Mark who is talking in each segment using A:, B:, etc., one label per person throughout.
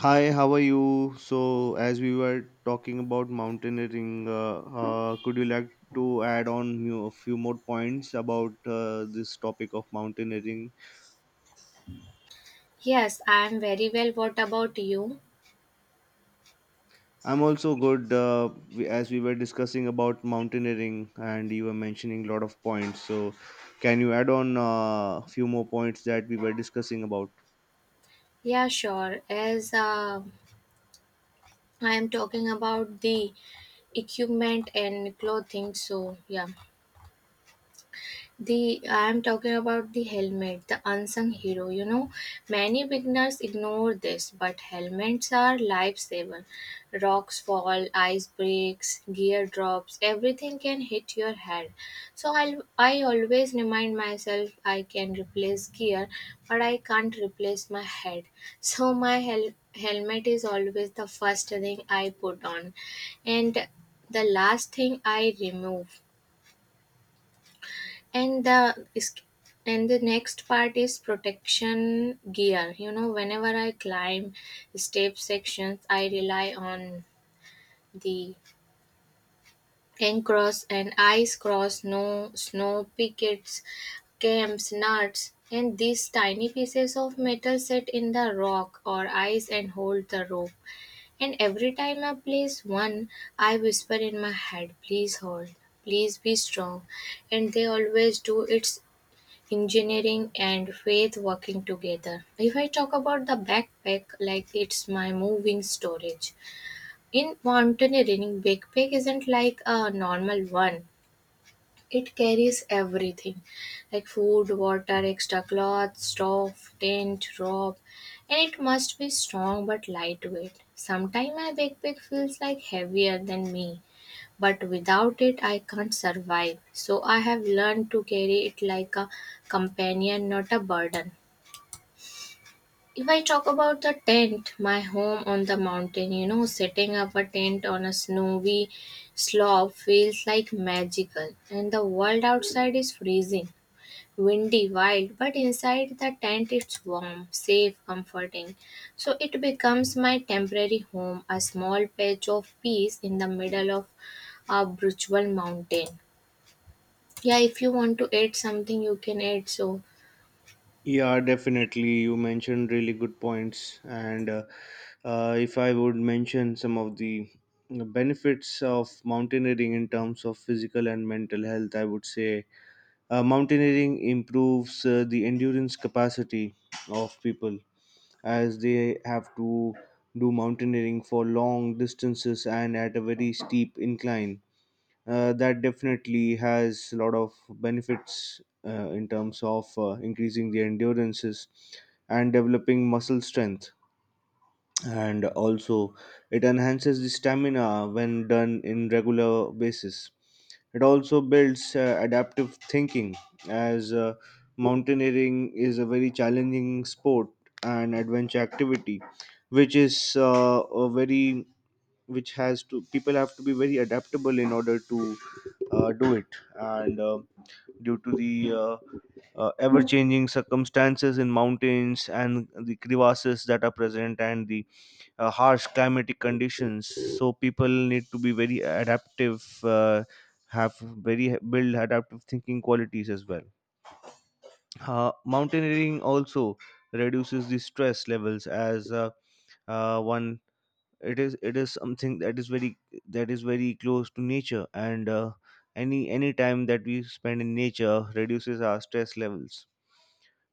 A: Hi, how are you? So, as we were talking about mountaineering, could you like to add on a few more points about this topic of mountaineering?
B: Yes, I'm very well. What about you?
A: I'm also good as we were discussing about mountaineering, and you were mentioning a lot of points. So, can you add on a few more points that we were discussing about?
B: Yeah, sure. As I am talking about the equipment and clothing, so yeah. The I'm talking about the helmet, the unsung hero. You know, many beginners ignore this, but helmets are lifesaver. Rocks fall, ice breaks, gear drops, everything can hit your head. So I always remind myself I can replace gear, but I can't replace my head. So my helmet is always the first thing I put on, and the last thing I remove, and the is- and the next part is protection gear. You know, whenever I climb step sections, I rely on the cross and ice cross, no snow pickets, camps, nuts, and these tiny pieces of metal set in the rock or ice and hold the rope. And every time I place one, I whisper in my head, please hold, please be strong, and they always do. It's engineering and faith working together. If I talk about the backpack, like it's my moving storage. In mountaineering, backpack isn't like a normal one. It carries everything, like food, water, extra clothes, stove, tent, rope, and it must be strong but lightweight. Sometimes my backpack feels like heavier than me, but without it I can't survive, so I have learned to carry it like a companion, not a burden. If I talk about the tent, my home on the mountain, you know, setting up a tent on a snowy slope feels like magical, and the world outside is freezing, windy, wild, but inside the tent it's warm, safe, comforting. So it becomes my temporary home, a small patch of peace in the middle of a brutal mountain. Yeah, if you want to add something, you can add. So,
A: Yeah, definitely. You mentioned really good points. And If I would mention some of the benefits of mountaineering in terms of physical and mental health, I would say mountaineering improves the endurance capacity of people as they have to do mountaineering for long distances and at a very steep incline. That definitely has a lot of benefits in terms of increasing the endurances and developing muscle strength, and also it enhances the stamina when done in regular basis. It also builds adaptive thinking, as mountaineering is a very challenging sport and adventure activity, which is a very which has to people have to be very adaptable in order to do it. And Due to the ever changing circumstances in mountains and the crevasses that are present and the harsh climatic conditions, so people need to be very adaptive, have very build adaptive thinking qualities as well. Mountaineering also reduces the stress levels, as one it is something that is very close to nature, and any time that we spend in nature reduces our stress levels.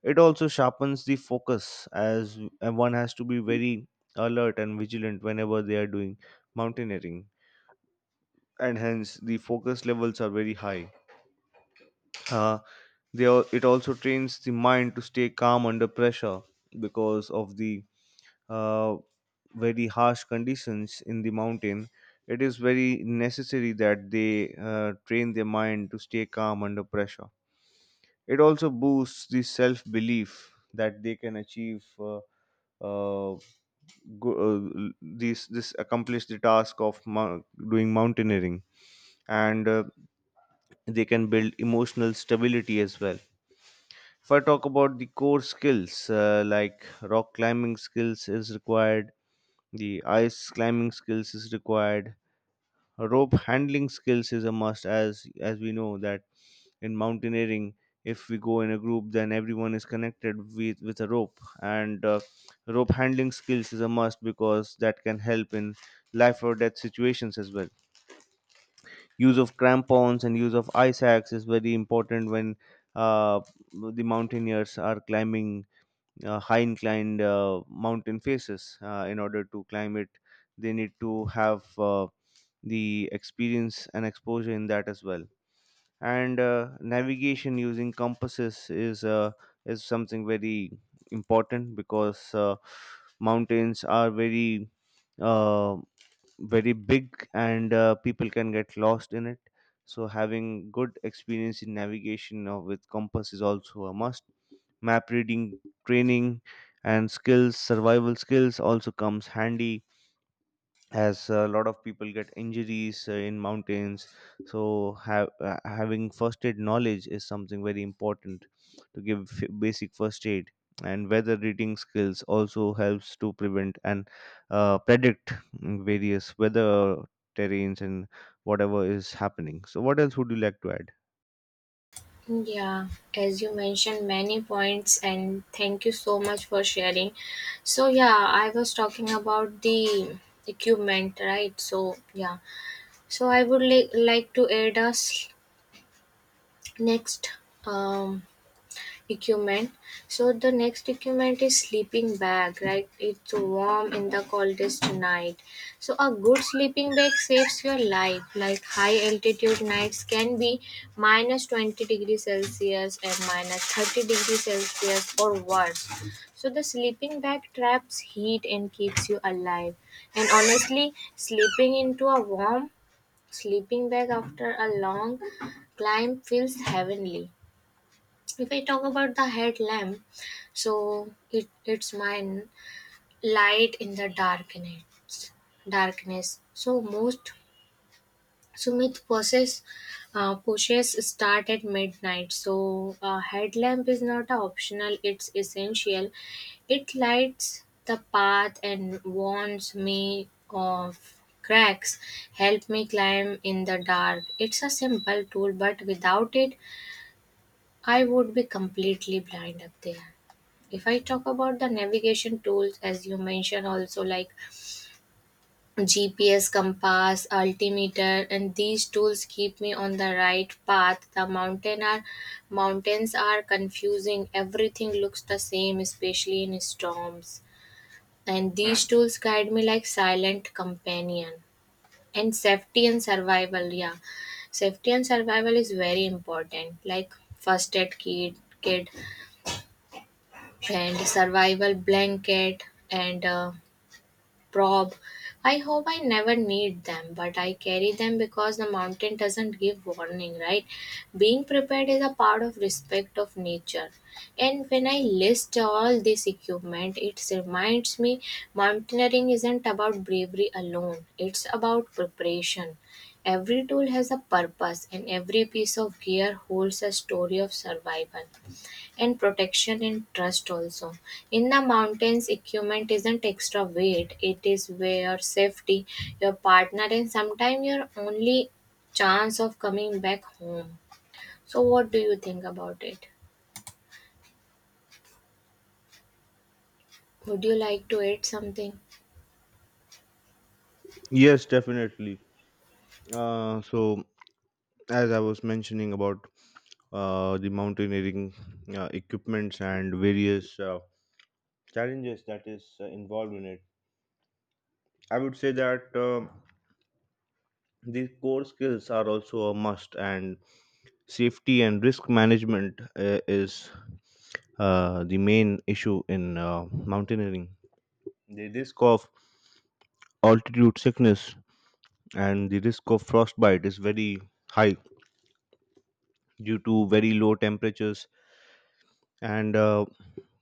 A: It also sharpens the focus, as and one has to be very alert and vigilant whenever they are doing mountaineering, and hence the focus levels are very high. uh, it also trains the mind to stay calm under pressure because of the uh, very harsh conditions in the mountain. It is very necessary that they train their mind to stay calm under pressure. It also boosts the self belief that they can achieve. Uh, go, l- this accomplish the task of doing mountaineering, and they can build emotional stability as well. If I talk about the core skills, like rock climbing skills is required, the ice climbing skills is required, rope handling skills is a must. As we know that in mountaineering, if we go in a group, then everyone is connected with a rope, and rope handling skills is a must because that can help in life or death situations as well. Use of crampons and use of ice axe is very important when uh, the mountaineers are climbing high inclined mountain faces. In order to climb it, they need to have the experience and exposure in that as well. And Navigation using compasses is something very important, because mountains are very uh, very big, and people can get lost in it. So having good experience in navigation with compass is also a must. Map reading training and skills, survival skills also comes handy, as a lot of people get injuries in mountains. So having first aid knowledge is something very important to give basic first aid. And weather reading skills also helps to prevent and predict various weather terrains and whatever is happening. So what else would you like to add?
B: yeah, as you mentioned, many points, and thank you so much for sharing. So, yeah, I was talking about the equipment, right? So, yeah, so I would like to add us next. Um, equipment. So the next equipment is sleeping bag, right? It's warm in the coldest night. So a good sleeping bag saves your life. Like high altitude nights can be minus 20 degrees Celsius and minus 30 degrees Celsius or worse. So the sleeping bag traps heat and keeps you alive. And honestly, sleeping into a warm sleeping bag after a long climb feels heavenly. If I talk about the headlamp, so it's mine light in the darkness. Darkness. So most Sumit process pushes start at midnight. So a headlamp is not a optional; it's essential. It lights the path and warns me of cracks. Help me climb in the dark. It's a simple tool, but without it, I would be completely blind up there. If I talk about the navigation tools, as you mentioned, also like GPS, compass, altimeter, and these tools keep me on the right path. The Mountains are confusing. Everything looks the same, especially in storms. And these tools guide me like silent companion. And safety and survival, yeah, safety and survival is very important, like first aid kit and survival blanket and probe. I hope I never need them, but I carry them because the mountain doesn't give warning, right? Being prepared is a part of respect of nature. And when I list all this equipment, it reminds me mountaineering isn't about bravery alone, it's about preparation. Every tool has a purpose, and every piece of gear holds a story of survival and protection and trust also. In the mountains, equipment isn't extra weight, it is where safety, your partner, and sometimes your only chance of coming back home. So what do you think about it? Would you like to add something?
A: Yes, definitely. So, as I was mentioning about the mountaineering equipments and various challenges that is involved in it. I would say that the core skills are also a must, and safety and risk management is the main issue in mountaineering. The risk of altitude sickness and the risk of frostbite is very high due to very low temperatures, and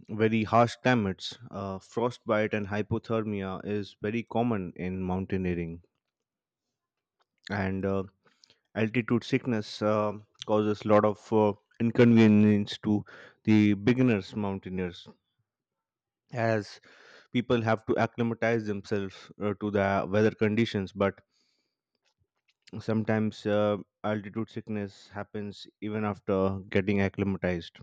A: very harsh climates. Uh, frostbite and hypothermia is very common in mountaineering, and altitude sickness causes a lot of inconvenience to the beginners mountaineers, as people have to acclimatize themselves to the weather conditions. But sometimes altitude sickness happens even after getting acclimatized.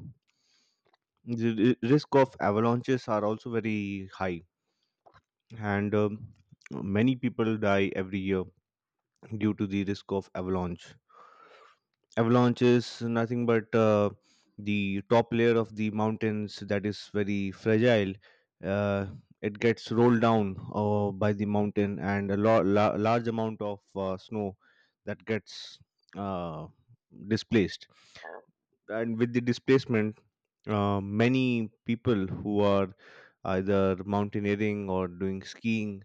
A: The risk of avalanches are also very high, and many people die every year due to the risk of avalanche. Avalanche is nothing but the top layer of the mountains that is very fragile. uh, it gets rolled down by the mountain, and a large amount of snow that gets uh, displaced. And with the displacement, many people who are either mountaineering or doing skiing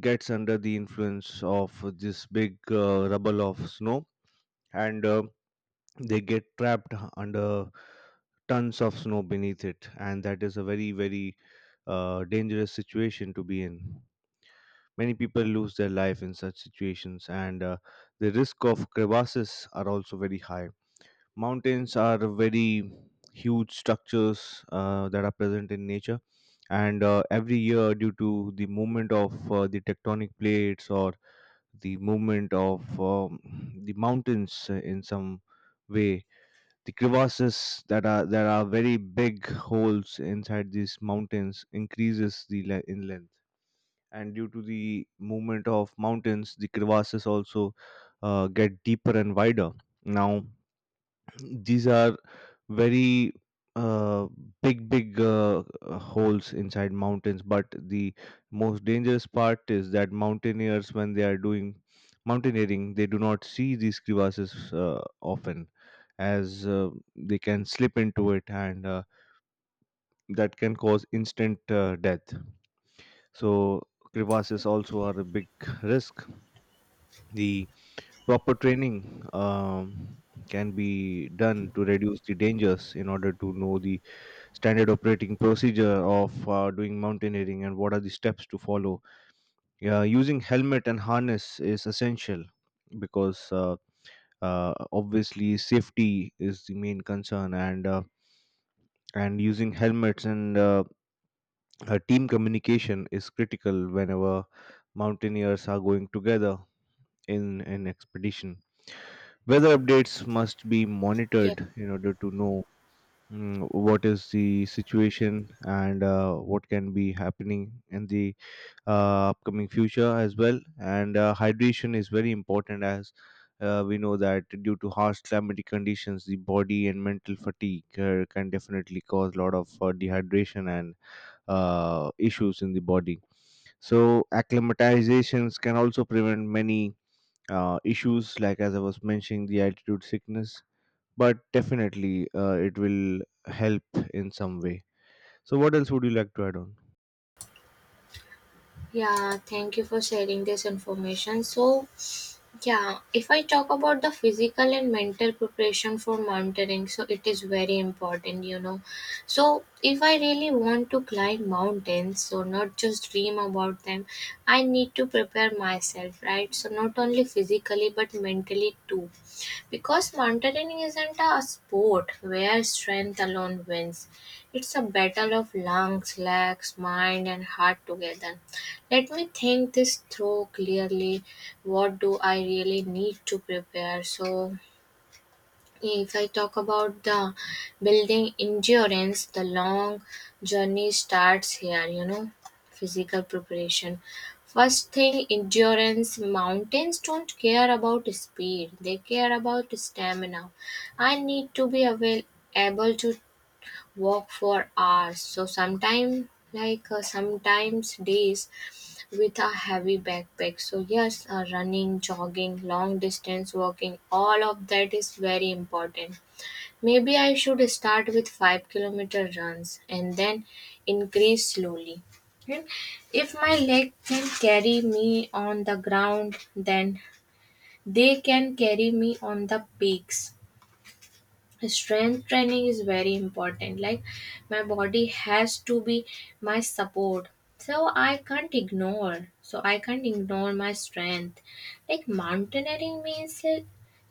A: gets under the influence of this big rubble of snow, and they get trapped under tons of snow beneath it, and that is a very very dangerous situation to be in. Many people lose their life in such situations, and the risk of crevasses are also very high. Mountains are very huge structures that are present in nature, and every year due to the movement of the tectonic plates or the movement of the mountains in some way, the crevasses that are there are very big holes inside these mountains, increases the in length. And due to the movement of mountains, the crevasses also get deeper and wider. Now, these are very uh, big, big holes inside mountains. But the most dangerous part is that mountaineers, when they are doing mountaineering, they do not see these crevasses often, as they can slip into it, and that can cause instant death. So crevasses also are a big risk. The proper training can be done to reduce the dangers in order to know the standard operating procedure of doing mountaineering and what are the steps to follow. Yeah, using helmet and harness is essential, because obviously safety is the main concern, and using helmets and team communication is critical whenever mountaineers are going together in an expedition. Weather updates must be
B: Yeah.
A: monitored in order to know what is the situation, and what can be happening in the upcoming future as well. And hydration is very important, as we know that due to harsh climatic conditions, the body and mental fatigue can definitely cause a lot of dehydration and issues in the body. So acclimatizations can also prevent many issues, like as I was mentioning, the altitude sickness. But definitely, it will help in some way. So, what else would you like to add on?
B: Yeah, thank you for sharing this information. So, yeah, if I talk about the physical and mental preparation for mountaineering, so it is very important, you know. So, if I really want to climb mountains, so not just dream about them, I need to prepare myself, right? So, not only physically but mentally too. Because mountaineering isn't a sport where strength alone wins, it's a battle of lungs, legs, mind, and heart together. Let me think this through clearly. What do I really need to prepare? So, if I talk about the building endurance, the long journey starts here, you know, physical preparation. First thing, endurance. Mountains don't care about speed, they care about stamina. I need to be able to walk for hours. So, sometimes, like sometimes days, with a heavy backpack. So, yes, running, jogging, long distance walking, all of that is very important. Maybe I should start with 5-kilometer runs and then increase slowly. And if my leg can carry me on the ground, then they can carry me on the peaks. Strength training is very important, like my body has to be my support, so I can't ignore my strength. Like mountaineering means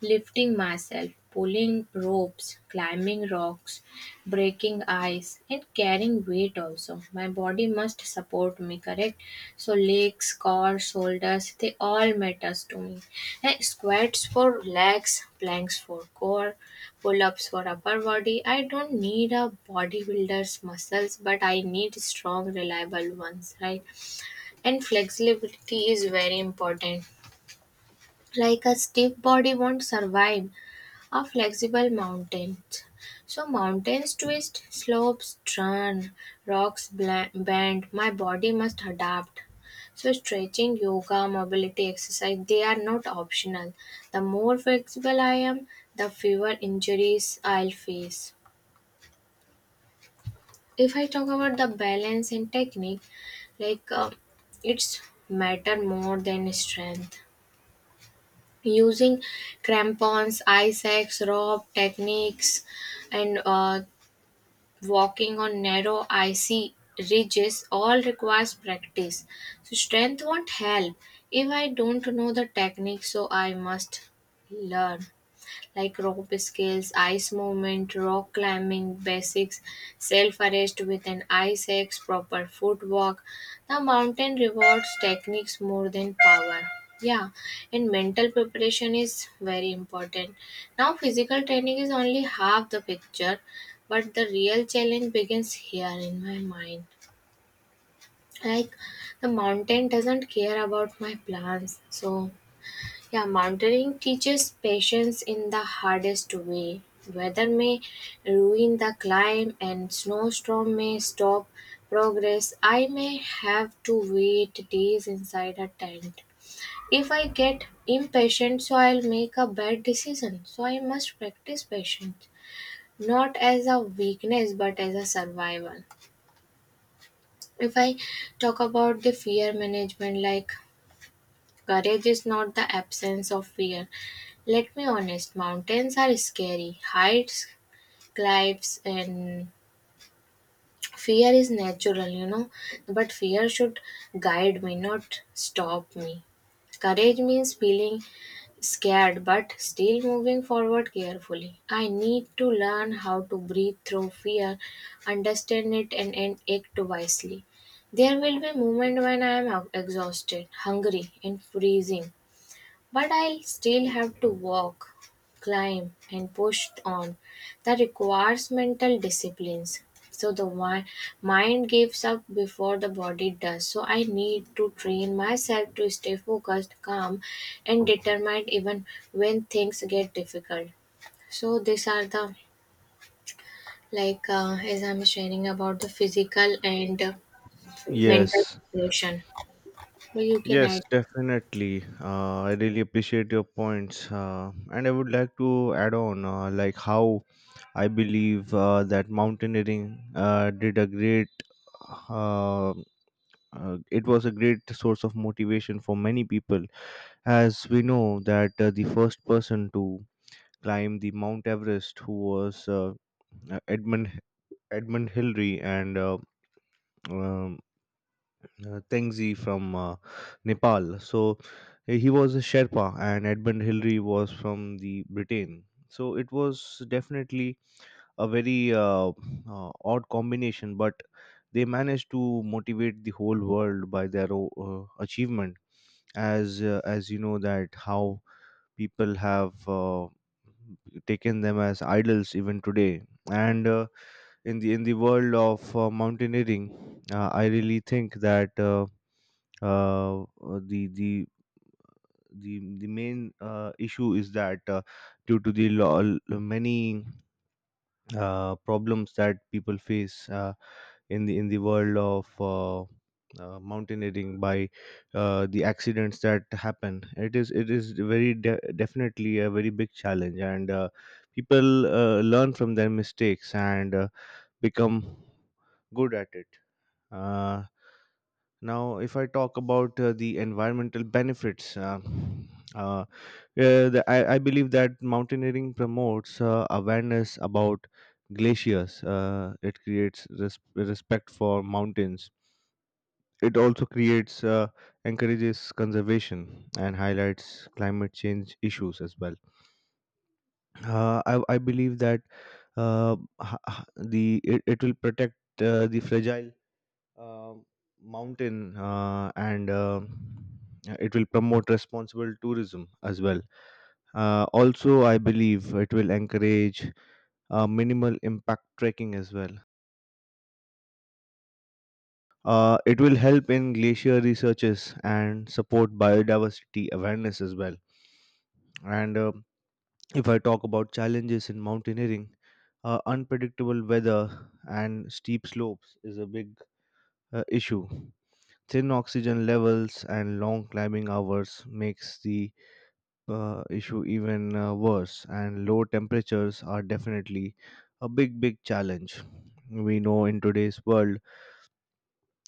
B: lifting myself, pulling ropes, climbing rocks, breaking ice, and carrying weight. Also my body must support me, correct? So legs, core, shoulders, they all matters to me, like squats for legs, planks for core, pull-ups for upper body. I don't need a bodybuilder's muscles, but I need strong, reliable ones, right? And flexibility is very important. Like a stiff body won't survive a flexible mountain. So mountains twist, slopes turn, rocks bend. My body must adapt. So stretching, yoga, mobility exercise, they are not optional. The more flexible I am, the fewer injuries I'll face. If I talk about the balance and technique, like it's matter more than strength. Using crampons, ice axe, rope techniques, and walking on narrow icy ridges all requires practice. So strength won't help if I don't know the technique, so I must learn like rope skills, ice movement, rock climbing, basics, self arrest with an ice axe, proper footwork. The mountain rewards techniques more than power. Yeah, and mental preparation is very important. Now, physical training is only half the picture, but the real challenge begins here in my mind, like the mountain doesn't care about my plans. So yeah, mentoring teaches patience in the hardest way. Weather may ruin the climb and snowstorm may stop progress. I may have to wait days inside a tent. If I get impatient, so I'll make a bad decision. So I must practice patience, not as a weakness but as a survival. If I talk about the fear management, like courage is not the absence of fear. Let me honest, mountains are scary, heights, cliffs, and fear is natural, you know. But fear should guide me, not stop me. Courage means feeling scared but still moving forward carefully. I need to learn how to breathe through fear, understand it, and act wisely. There will be moments when I am exhausted, hungry, and freezing. But I'll still have to walk, climb, and push on. That requires mental disciplines. So the mind gives up before the body does. So I need to train myself to stay focused, calm, and determined even when things get difficult. So these are the, like as I'm sharing about the physical and mental
A: Yes.
B: preparation. So you can
A: Yes,
B: add.
A: definitely. I really appreciate your points. And I would like to add on, like, how I believe that mountaineering did a great, uh, it was a great source of motivation for many people. As we know, that the first person to climb the Mount Everest, who was uh, Edmund Edmund Hillary and um, Tengzi from Nepal. So he was a Sherpa, and Edmund Hillary was from the Britain. So it was definitely a very odd combination, but they managed to motivate the whole world by their achievement. As you know that how people have taken them as idols even today, and in the world of mountaineering, I really think that. Uh, uh, the the the main issue is that due to the law, many problems that people face in the world of mountaineering by the accidents that happen, it is very definitely a very big challenge, and people learn from their mistakes, and become good at it. uh, Now, if I talk about the environmental benefits, uh, uh, I believe that mountaineering promotes awareness about glaciers. It creates respect for mountains. It also creates encourages conservation and highlights climate change issues as well. I believe that uh, h- h- the it will protect the fragile um, mountain, and it will promote responsible tourism as well. Also, I believe it will encourage minimal impact trekking as well. It will help in glacier researches and support biodiversity awareness as well. And If I talk about challenges in mountaineering, unpredictable weather and steep slopes is a big issue. Thin oxygen levels and long climbing hours makes the issue even worse, and low temperatures are definitely a big big challenge. We know in today's world,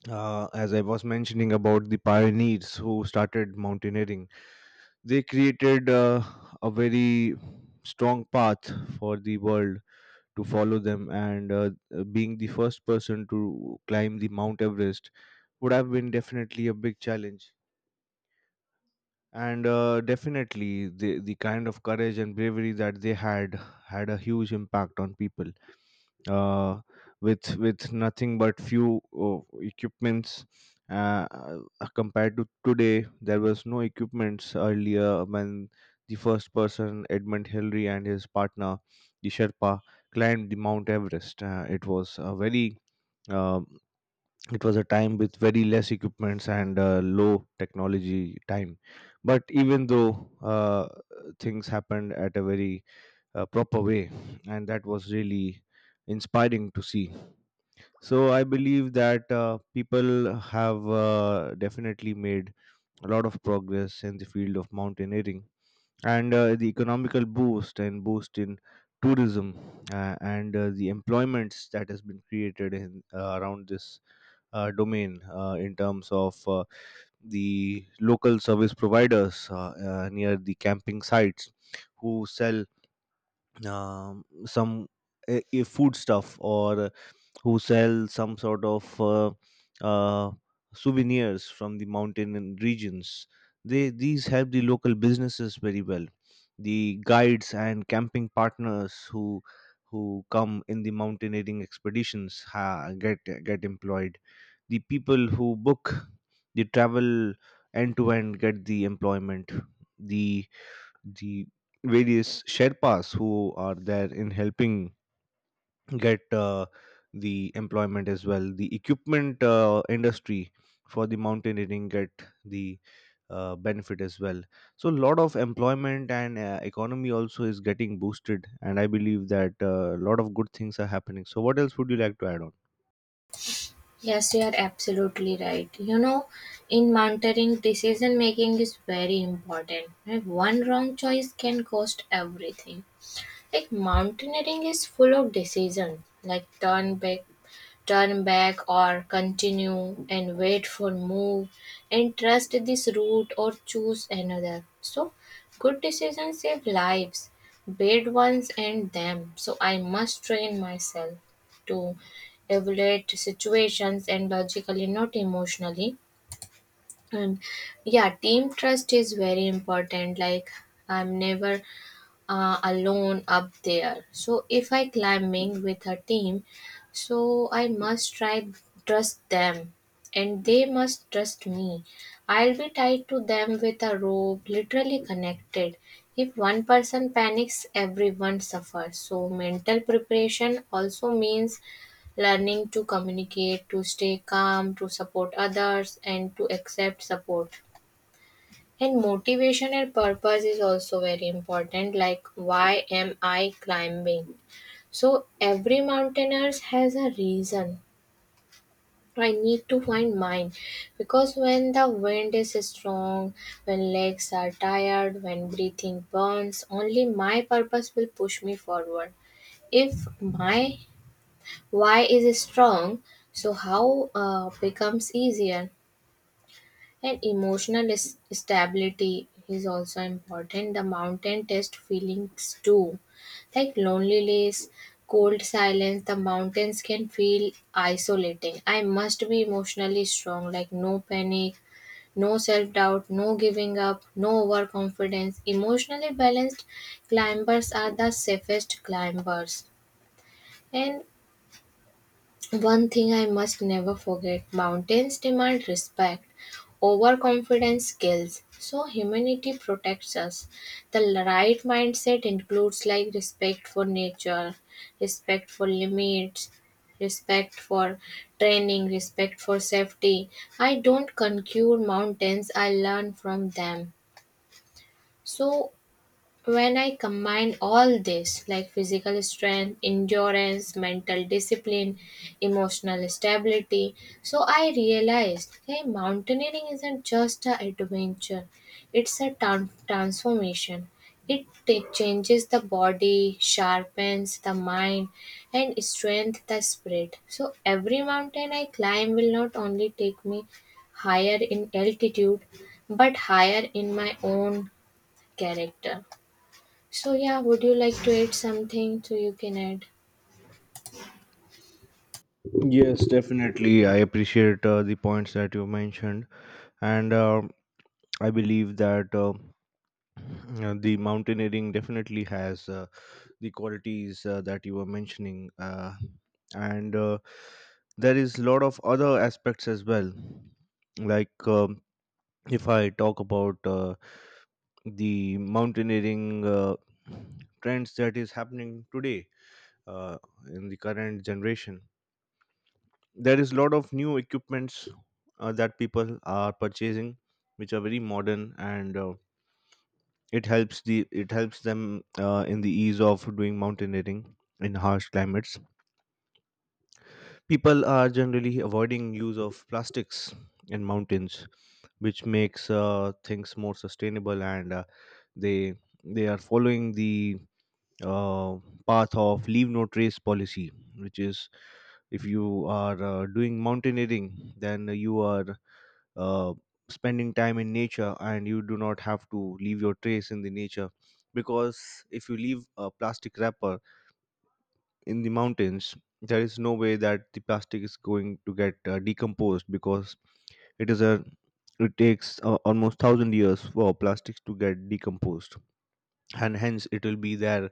A: as I was mentioning about the pioneers who started mountaineering, they created a very strong path for the world to follow them, and being the first person to climb the Mount Everest would have been definitely a big challenge, and definitely the kind of courage and bravery that they had had a huge impact on people, uh, with nothing but few equipments uh, uh, compared to today. There was no equipments earlier when the first person Edmund Hillary and his partner the Sherpa climbed the Mount Everest. It was a very um it was a time with very less equipments and low technology time, but even though things happened at a very proper way, and that was really inspiring to see. So I believe that people have definitely made a lot of progress in the field of mountaineering, and the economical boost and boost in tourism, and the employments that has been created in around this domain, in terms of the local service providers near the camping sites who sell some food stuff, or who sell some sort of uh, souvenirs from the mountain and regions. They these help the local businesses very well. The guides and camping partners who who come in the mountaineering expeditions get employed. The people who book the travel end to end get the employment. The the various sherpas who are there in helping get the employment, as well the equipment industry for the mountaineering get the benefit as well. So a lot of employment and economy also is getting boosted, and I believe that a lot of good things are happening. So what else would you like to add on?
B: Yes, you are absolutely right. You know, in mountaineering, decision making is very important. Like one wrong choice can cost everything. Like mountaineering is full of decisions, like turn back or continue and wait for move and trust this route or choose another. So good decisions save lives, bad ones end them. So I must train myself to evaluate situations and logically not emotionally. And yeah, team trust is very important, like I'm never alone up there. So if I climbing with a team, so I must try trust them and they must trust me. I'll be tied to them with a rope, literally connected. If one person panics, everyone suffers. So mental preparation also means learning to communicate, to stay calm, to support others and to accept support. And motivation and purpose is also very important, like why am I climbing? So every mountaineers has a reason. I need to find mine because when the wind is strong, when legs are tired, when breathing burns, only my purpose will push me forward. If my why is strong, so how becomes easier. And emotional stability is also important. The mountain test feelings too, like loneliness, cold silence. The mountains can feel isolating. I must be emotionally strong, like no panic, no self doubt, no giving up, no overconfidence. Emotionally balanced climbers are the safest climbers. And one thing I must never forget: mountains demand respect, overconfidence kills. So, humanity protects us. The right mindset includes like respect for nature, respect for limits, respect for training, respect for safety. I don't conquer mountains, I learn from them. So, when I combine all this, like physical strength, endurance, mental discipline, emotional stability, so I realized, hey, mountaineering isn't just an adventure, it's a transformation. It changes the body, sharpens the mind, and strengthens the spirit. So every mountain I climb will not only take me higher in altitude, but higher in my own character. So yeah, would you like to add something, so you can add?
A: Yes, definitely, I appreciate the points that you mentioned, and I believe that the mountaineering definitely has the qualities that you were mentioning, and there is a lot of other aspects as well, like if I talk about the mountaineering trends that is happening today, uh, in the current generation there is a lot of new equipments that people are purchasing, which are very modern, and it helps the it helps them in the ease of doing mountaineering in harsh climates. People are generally avoiding use of plastics in mountains, which makes things more sustainable, and they they are following the uh, path of leave no trace policy, which is if you are doing mountaineering, then you are uh, spending time in nature, and you do not have to leave your trace in the nature, because if you leave a plastic wrapper in the mountains, there is no way that the plastic is going to get decomposed, because it is a it takes almost 1,000 years for plastics to get decomposed, and hence it will be there,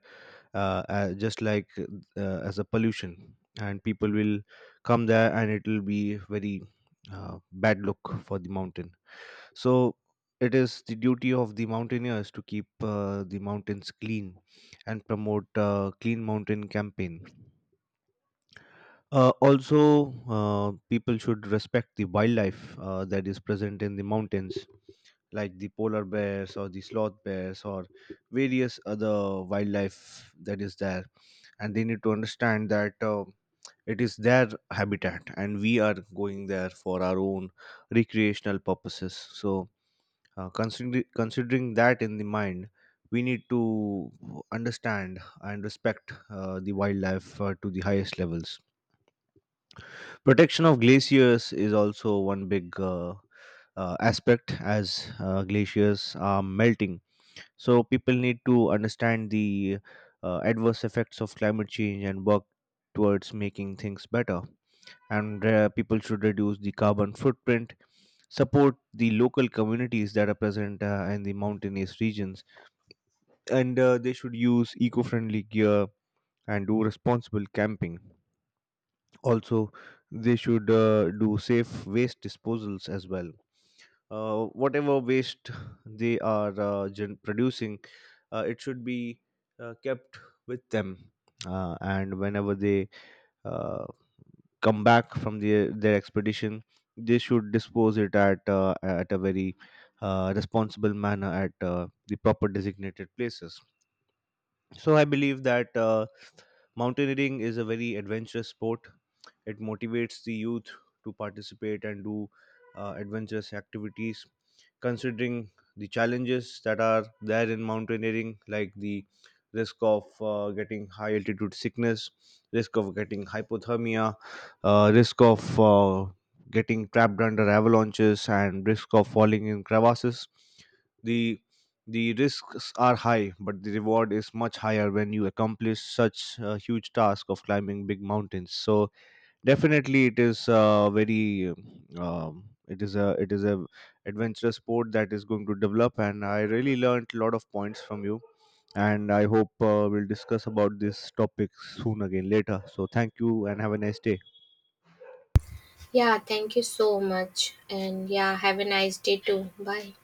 A: just like as a pollution, and people will come there and it will be very bad look for the mountain. So it is the duty of the mountaineers to keep the mountains clean and promote clean mountain campaign. Also, people should respect the wildlife that is present in the mountains, like the polar bears or the sloth bears or various other wildlife that is there. And they need to understand that it is their habitat, and we are going there for our own recreational purposes. So, considering that in the mind, we need to understand and respect the wildlife to the highest levels. Protection of glaciers is also one big aspect, as glaciers are melting, so people need to understand the adverse effects of climate change and work towards making things better. And people should reduce the carbon footprint, support the local communities that are present in the mountainous regions, and they should use eco-friendly gear and do responsible camping. Also, they should do safe waste disposals as well. Whatever waste they are producing, it should be kept with them, and whenever they uh, come back from their expedition, they should dispose it at a very responsible manner, at the proper designated places. So I believe that mountaineering is a very adventurous sport. It motivates the youth to participate and do adventurous activities, considering the challenges that are there in mountaineering, like the risk of getting high altitude sickness, risk of getting hypothermia, risk of getting trapped under avalanches, and risk of falling in crevasses. The the risks are high, but the reward is much higher when you accomplish such a huge task of climbing big mountains. So definitely, it is a very it is a adventurous sport that is going to develop, and I really learned a lot of points from you. And I hope we'll discuss about this topic soon again later. So thank you and have a nice day.
B: Yeah, thank you so much. And yeah, have a nice day too. Bye.